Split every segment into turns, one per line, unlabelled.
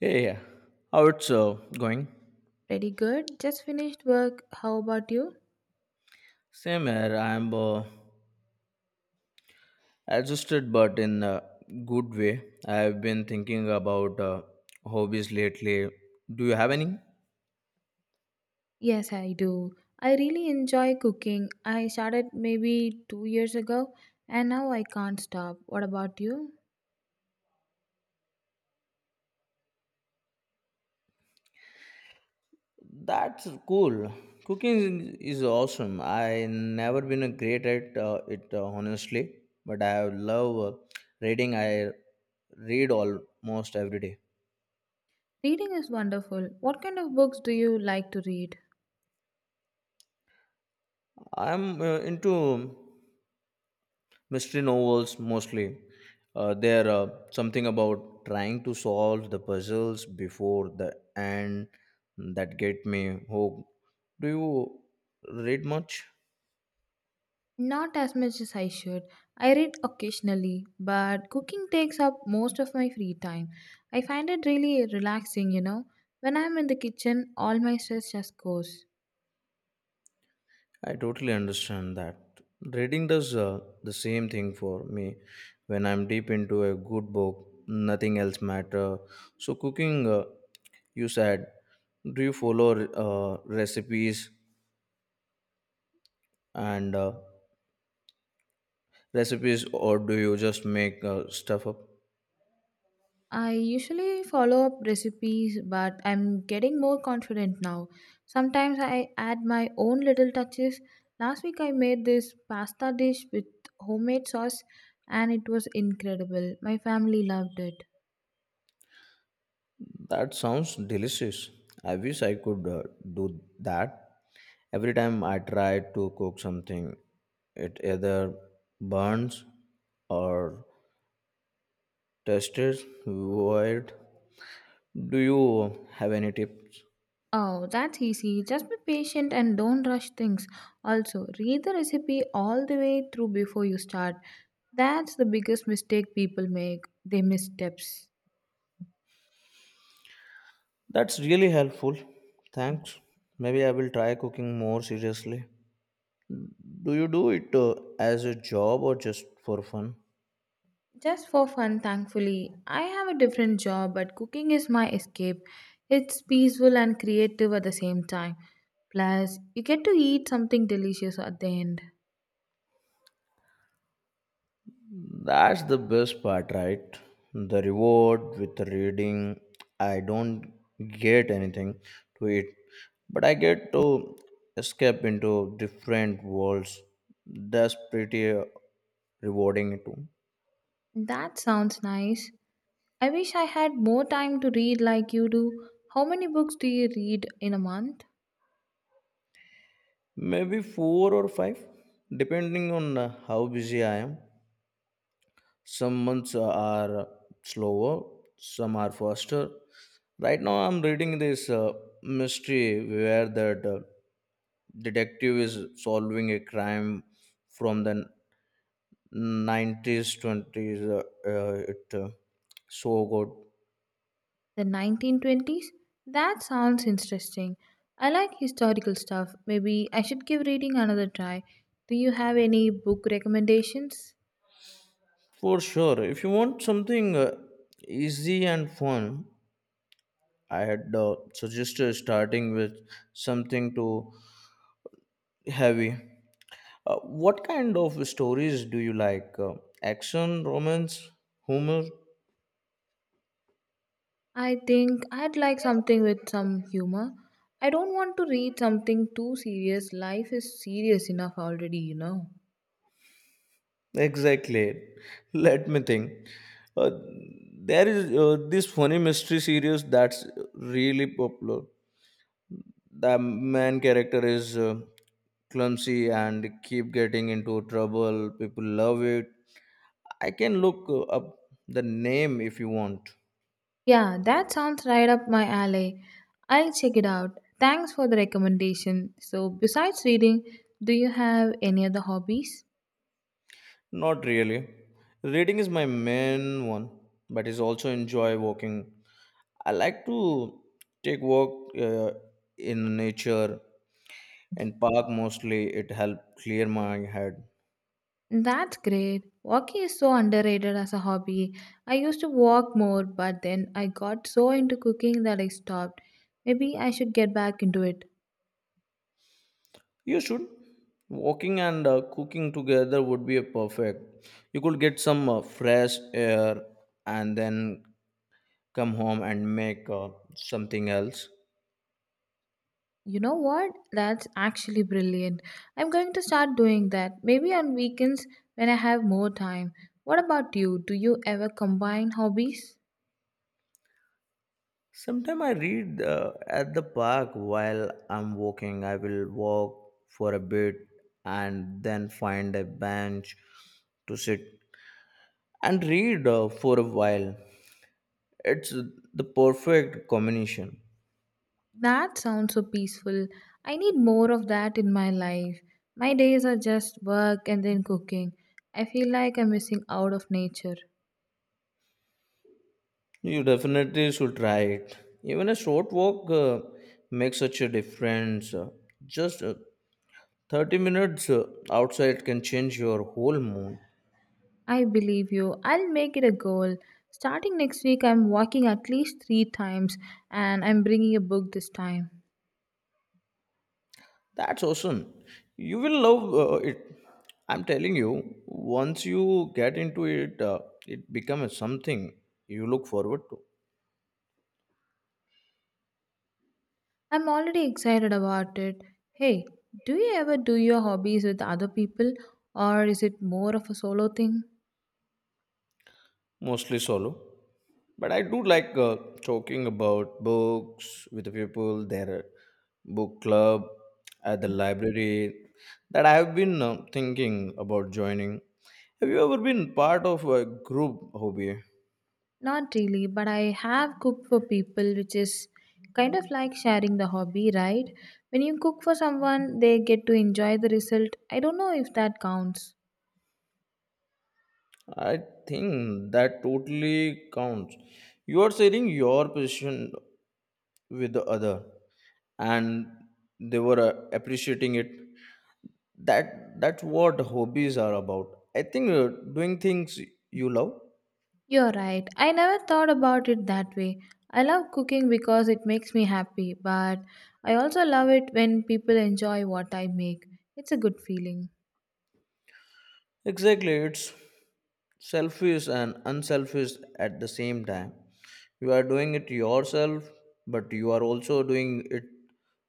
Hey, yeah, yeah. how it's going?
Pretty good. Just finished work. How about you?
Same here. I'm adjusted, but in a good way. I've been thinking about hobbies lately. Do you have any?
Yes, I do. I really enjoy cooking. I started maybe 2 years ago and now I can't stop. What about you?
That's cool. Cooking is awesome. I never been a great at it, honestly, but I love reading. I read almost every day.
Reading is wonderful. What kind of books do you like to read?
I'm into mystery novels mostly. They're something about trying to solve the puzzles before the end that get me hooked. Do you read much?
Not as much as I should. I read occasionally, but cooking takes up most of my free time. I find it really relaxing, When I'm in the kitchen, all my stress just goes.
I totally understand that. Reading does the same thing for me. When I'm deep into a good book, nothing else matter. So cooking, you said, do you follow uh, recipes and uh, recipes or do you just make stuff up?
I usually follow up recipes, but I'm getting more confident now. Sometimes I add my own little touches. Last week I made this pasta dish with homemade sauce and it was incredible. My family loved it.
That sounds delicious. I wish I could do that. Every time I try to cook something, it either burns or tastes weird. Do you have any tips?
Oh, that's easy. Just be patient and don't rush things. Also, read the recipe all the way through before you start. That's the biggest mistake people make. They miss steps.
That's really helpful. Thanks. Maybe I will try cooking more seriously. Do you do it as a job or just for fun?
Just for fun, thankfully. I have a different job, but cooking is my escape. It's peaceful and creative at the same time. Plus, you get to eat something delicious at the end.
That's the best part, right? The reward with reading. I don't get anything to it, but I get to escape into different worlds. That's pretty rewarding too.
That sounds nice. I wish I had more time to read like you do. How many books do you read in a month?
Maybe four or five, depending on how busy I am. Some months are slower, some are faster. Right now, I'm reading this mystery where that detective is solving a crime from the 90s, 20s. It so good.
The 1920s? That sounds interesting. I like historical stuff. Maybe I should give reading another try. Do you have any book recommendations?
For sure. If you want something easy and fun, I had suggested starting with something too heavy. Uh, what kind of stories do you like? Action, romance, humor?
I think I'd like something with some humor. I don't want to read something too serious. Life is serious enough already.
Exactly. Let me think. Uh, there is this funny mystery series that's really popular. The main character is clumsy and keep getting into trouble. People love it. I can look up the name if you want.
Yeah, that sounds right up my alley. I'll check it out. Thanks for the recommendation. So, besides reading, do you have any other hobbies?
Not really. Reading is my main one, but is also enjoy walking. I like to take walk in nature and park mostly. It help clear my head.
That's great. Walking is so underrated as a hobby. I used to walk more, but then I got so into cooking that I stopped. Maybe I should get back into it.
You should. Walking and cooking together would be a perfect. You could get some fresh air and then come home and make something else.
You know what? That's actually brilliant. I'm going to start doing that. Maybe on weekends when I have more time. What about you? Do you ever combine hobbies?
Sometimes I read at the park while I'm walking. I will walk for a bit and then find a bench to sit and read for a while. It's the perfect combination.
That sounds so peaceful. I need more of that in my life. My days are just work and then cooking. I feel like I'm missing out of nature.
You definitely should try it. Even a short walk makes such a difference. Just 30 minutes outside can change your whole mood.
I believe you. I'll make it a goal. Starting next week, I'm walking at least 3 times and I'm bringing a book this time.
That's awesome. You will love it. I'm telling you, once you get into it, it becomes something you look forward to,
I'm already excited about it. Hey, do you ever do your hobbies with other people or is it more of a solo thing?
mostly solo. But I do like talking about books with the people, their book club at the library that I have been thinking about joining. Have you ever been part of a group hobby?
Not really, but I have cooked for people, which is kind of like sharing the hobby, right? When you cook for someone, they get to enjoy the result. I don't know if that counts.
I think that totally counts. You are sharing your position with the other, and they were appreciating it. That's what hobbies are about. I think doing things you love.
You're right. I never thought about it that way. I love cooking because it makes me happy, but I also love it when people enjoy what I make. It's a good feeling.
Exactly, it's selfish and unselfish at the same time. You are doing it yourself, but you are also doing it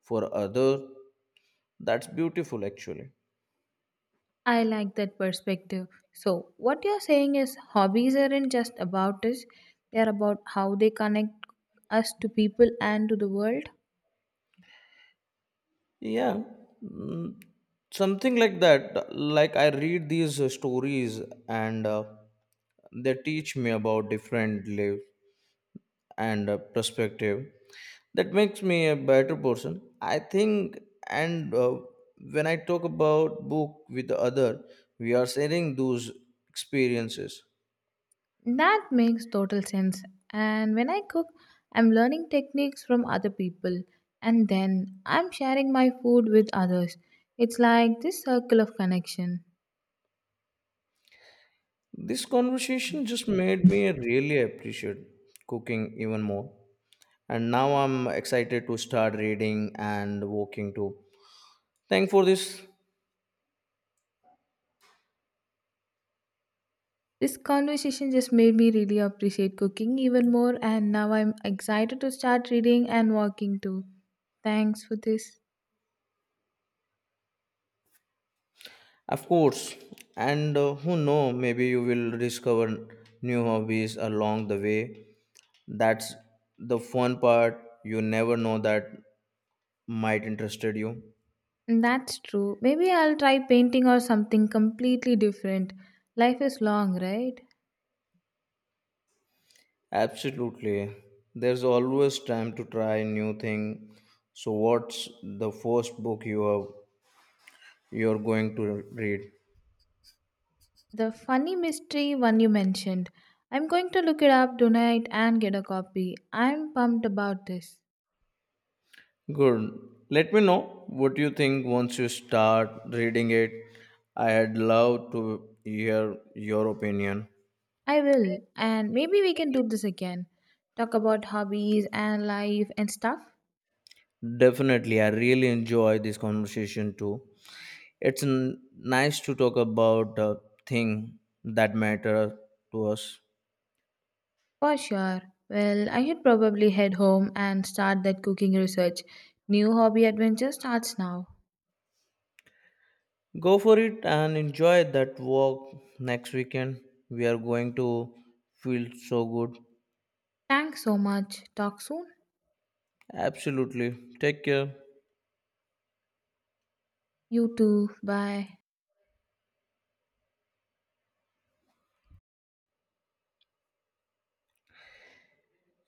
for other. That's beautiful, actually.
I like that perspective. So, what you're saying is hobbies aren't just about us, they're about how they connect us to people and to the world.
Yeah, mm, something like that. Like I read these stories and they teach me about different lives and perspective. That makes me a better person, I think, and when I talk about book with the other, we are sharing those experiences.
That makes total sense. And when I cook, I'm learning techniques from other people and then I'm sharing my food with others. It's like this circle of connection.
This conversation just made me really appreciate cooking even more. And now I'm excited to start reading and walking too. Thank for this,
This conversation just made me really appreciate cooking even more, and now I'm excited to start reading and walking too. Thanks for this.
of course. And who know, maybe you will discover new hobbies along the way. That's the fun part. You never know that might interested you.
That's true. Maybe I'll try painting or something completely different. Life is long, right?
Absolutely. There's always time to try new thing. So what's the first book you have, you're going to read?
The funny mystery one you mentioned. I'm going to look it up tonight and get a copy. I'm pumped about this.
Good. Let me know what you think once you start reading it. I'd love to hear your opinion.
I will, and maybe we can do this again. Talk about hobbies and life and stuff?
Definitely, I really enjoy this conversation too. It's nice to talk about a thing that matter to us.
For sure. Well, I should probably head home and start that cooking research. New hobby adventure starts now.
Go for it and enjoy that walk next weekend. We are going to feel so good.
Thanks so much. Talk soon.
Absolutely. Take care.
You too. Bye.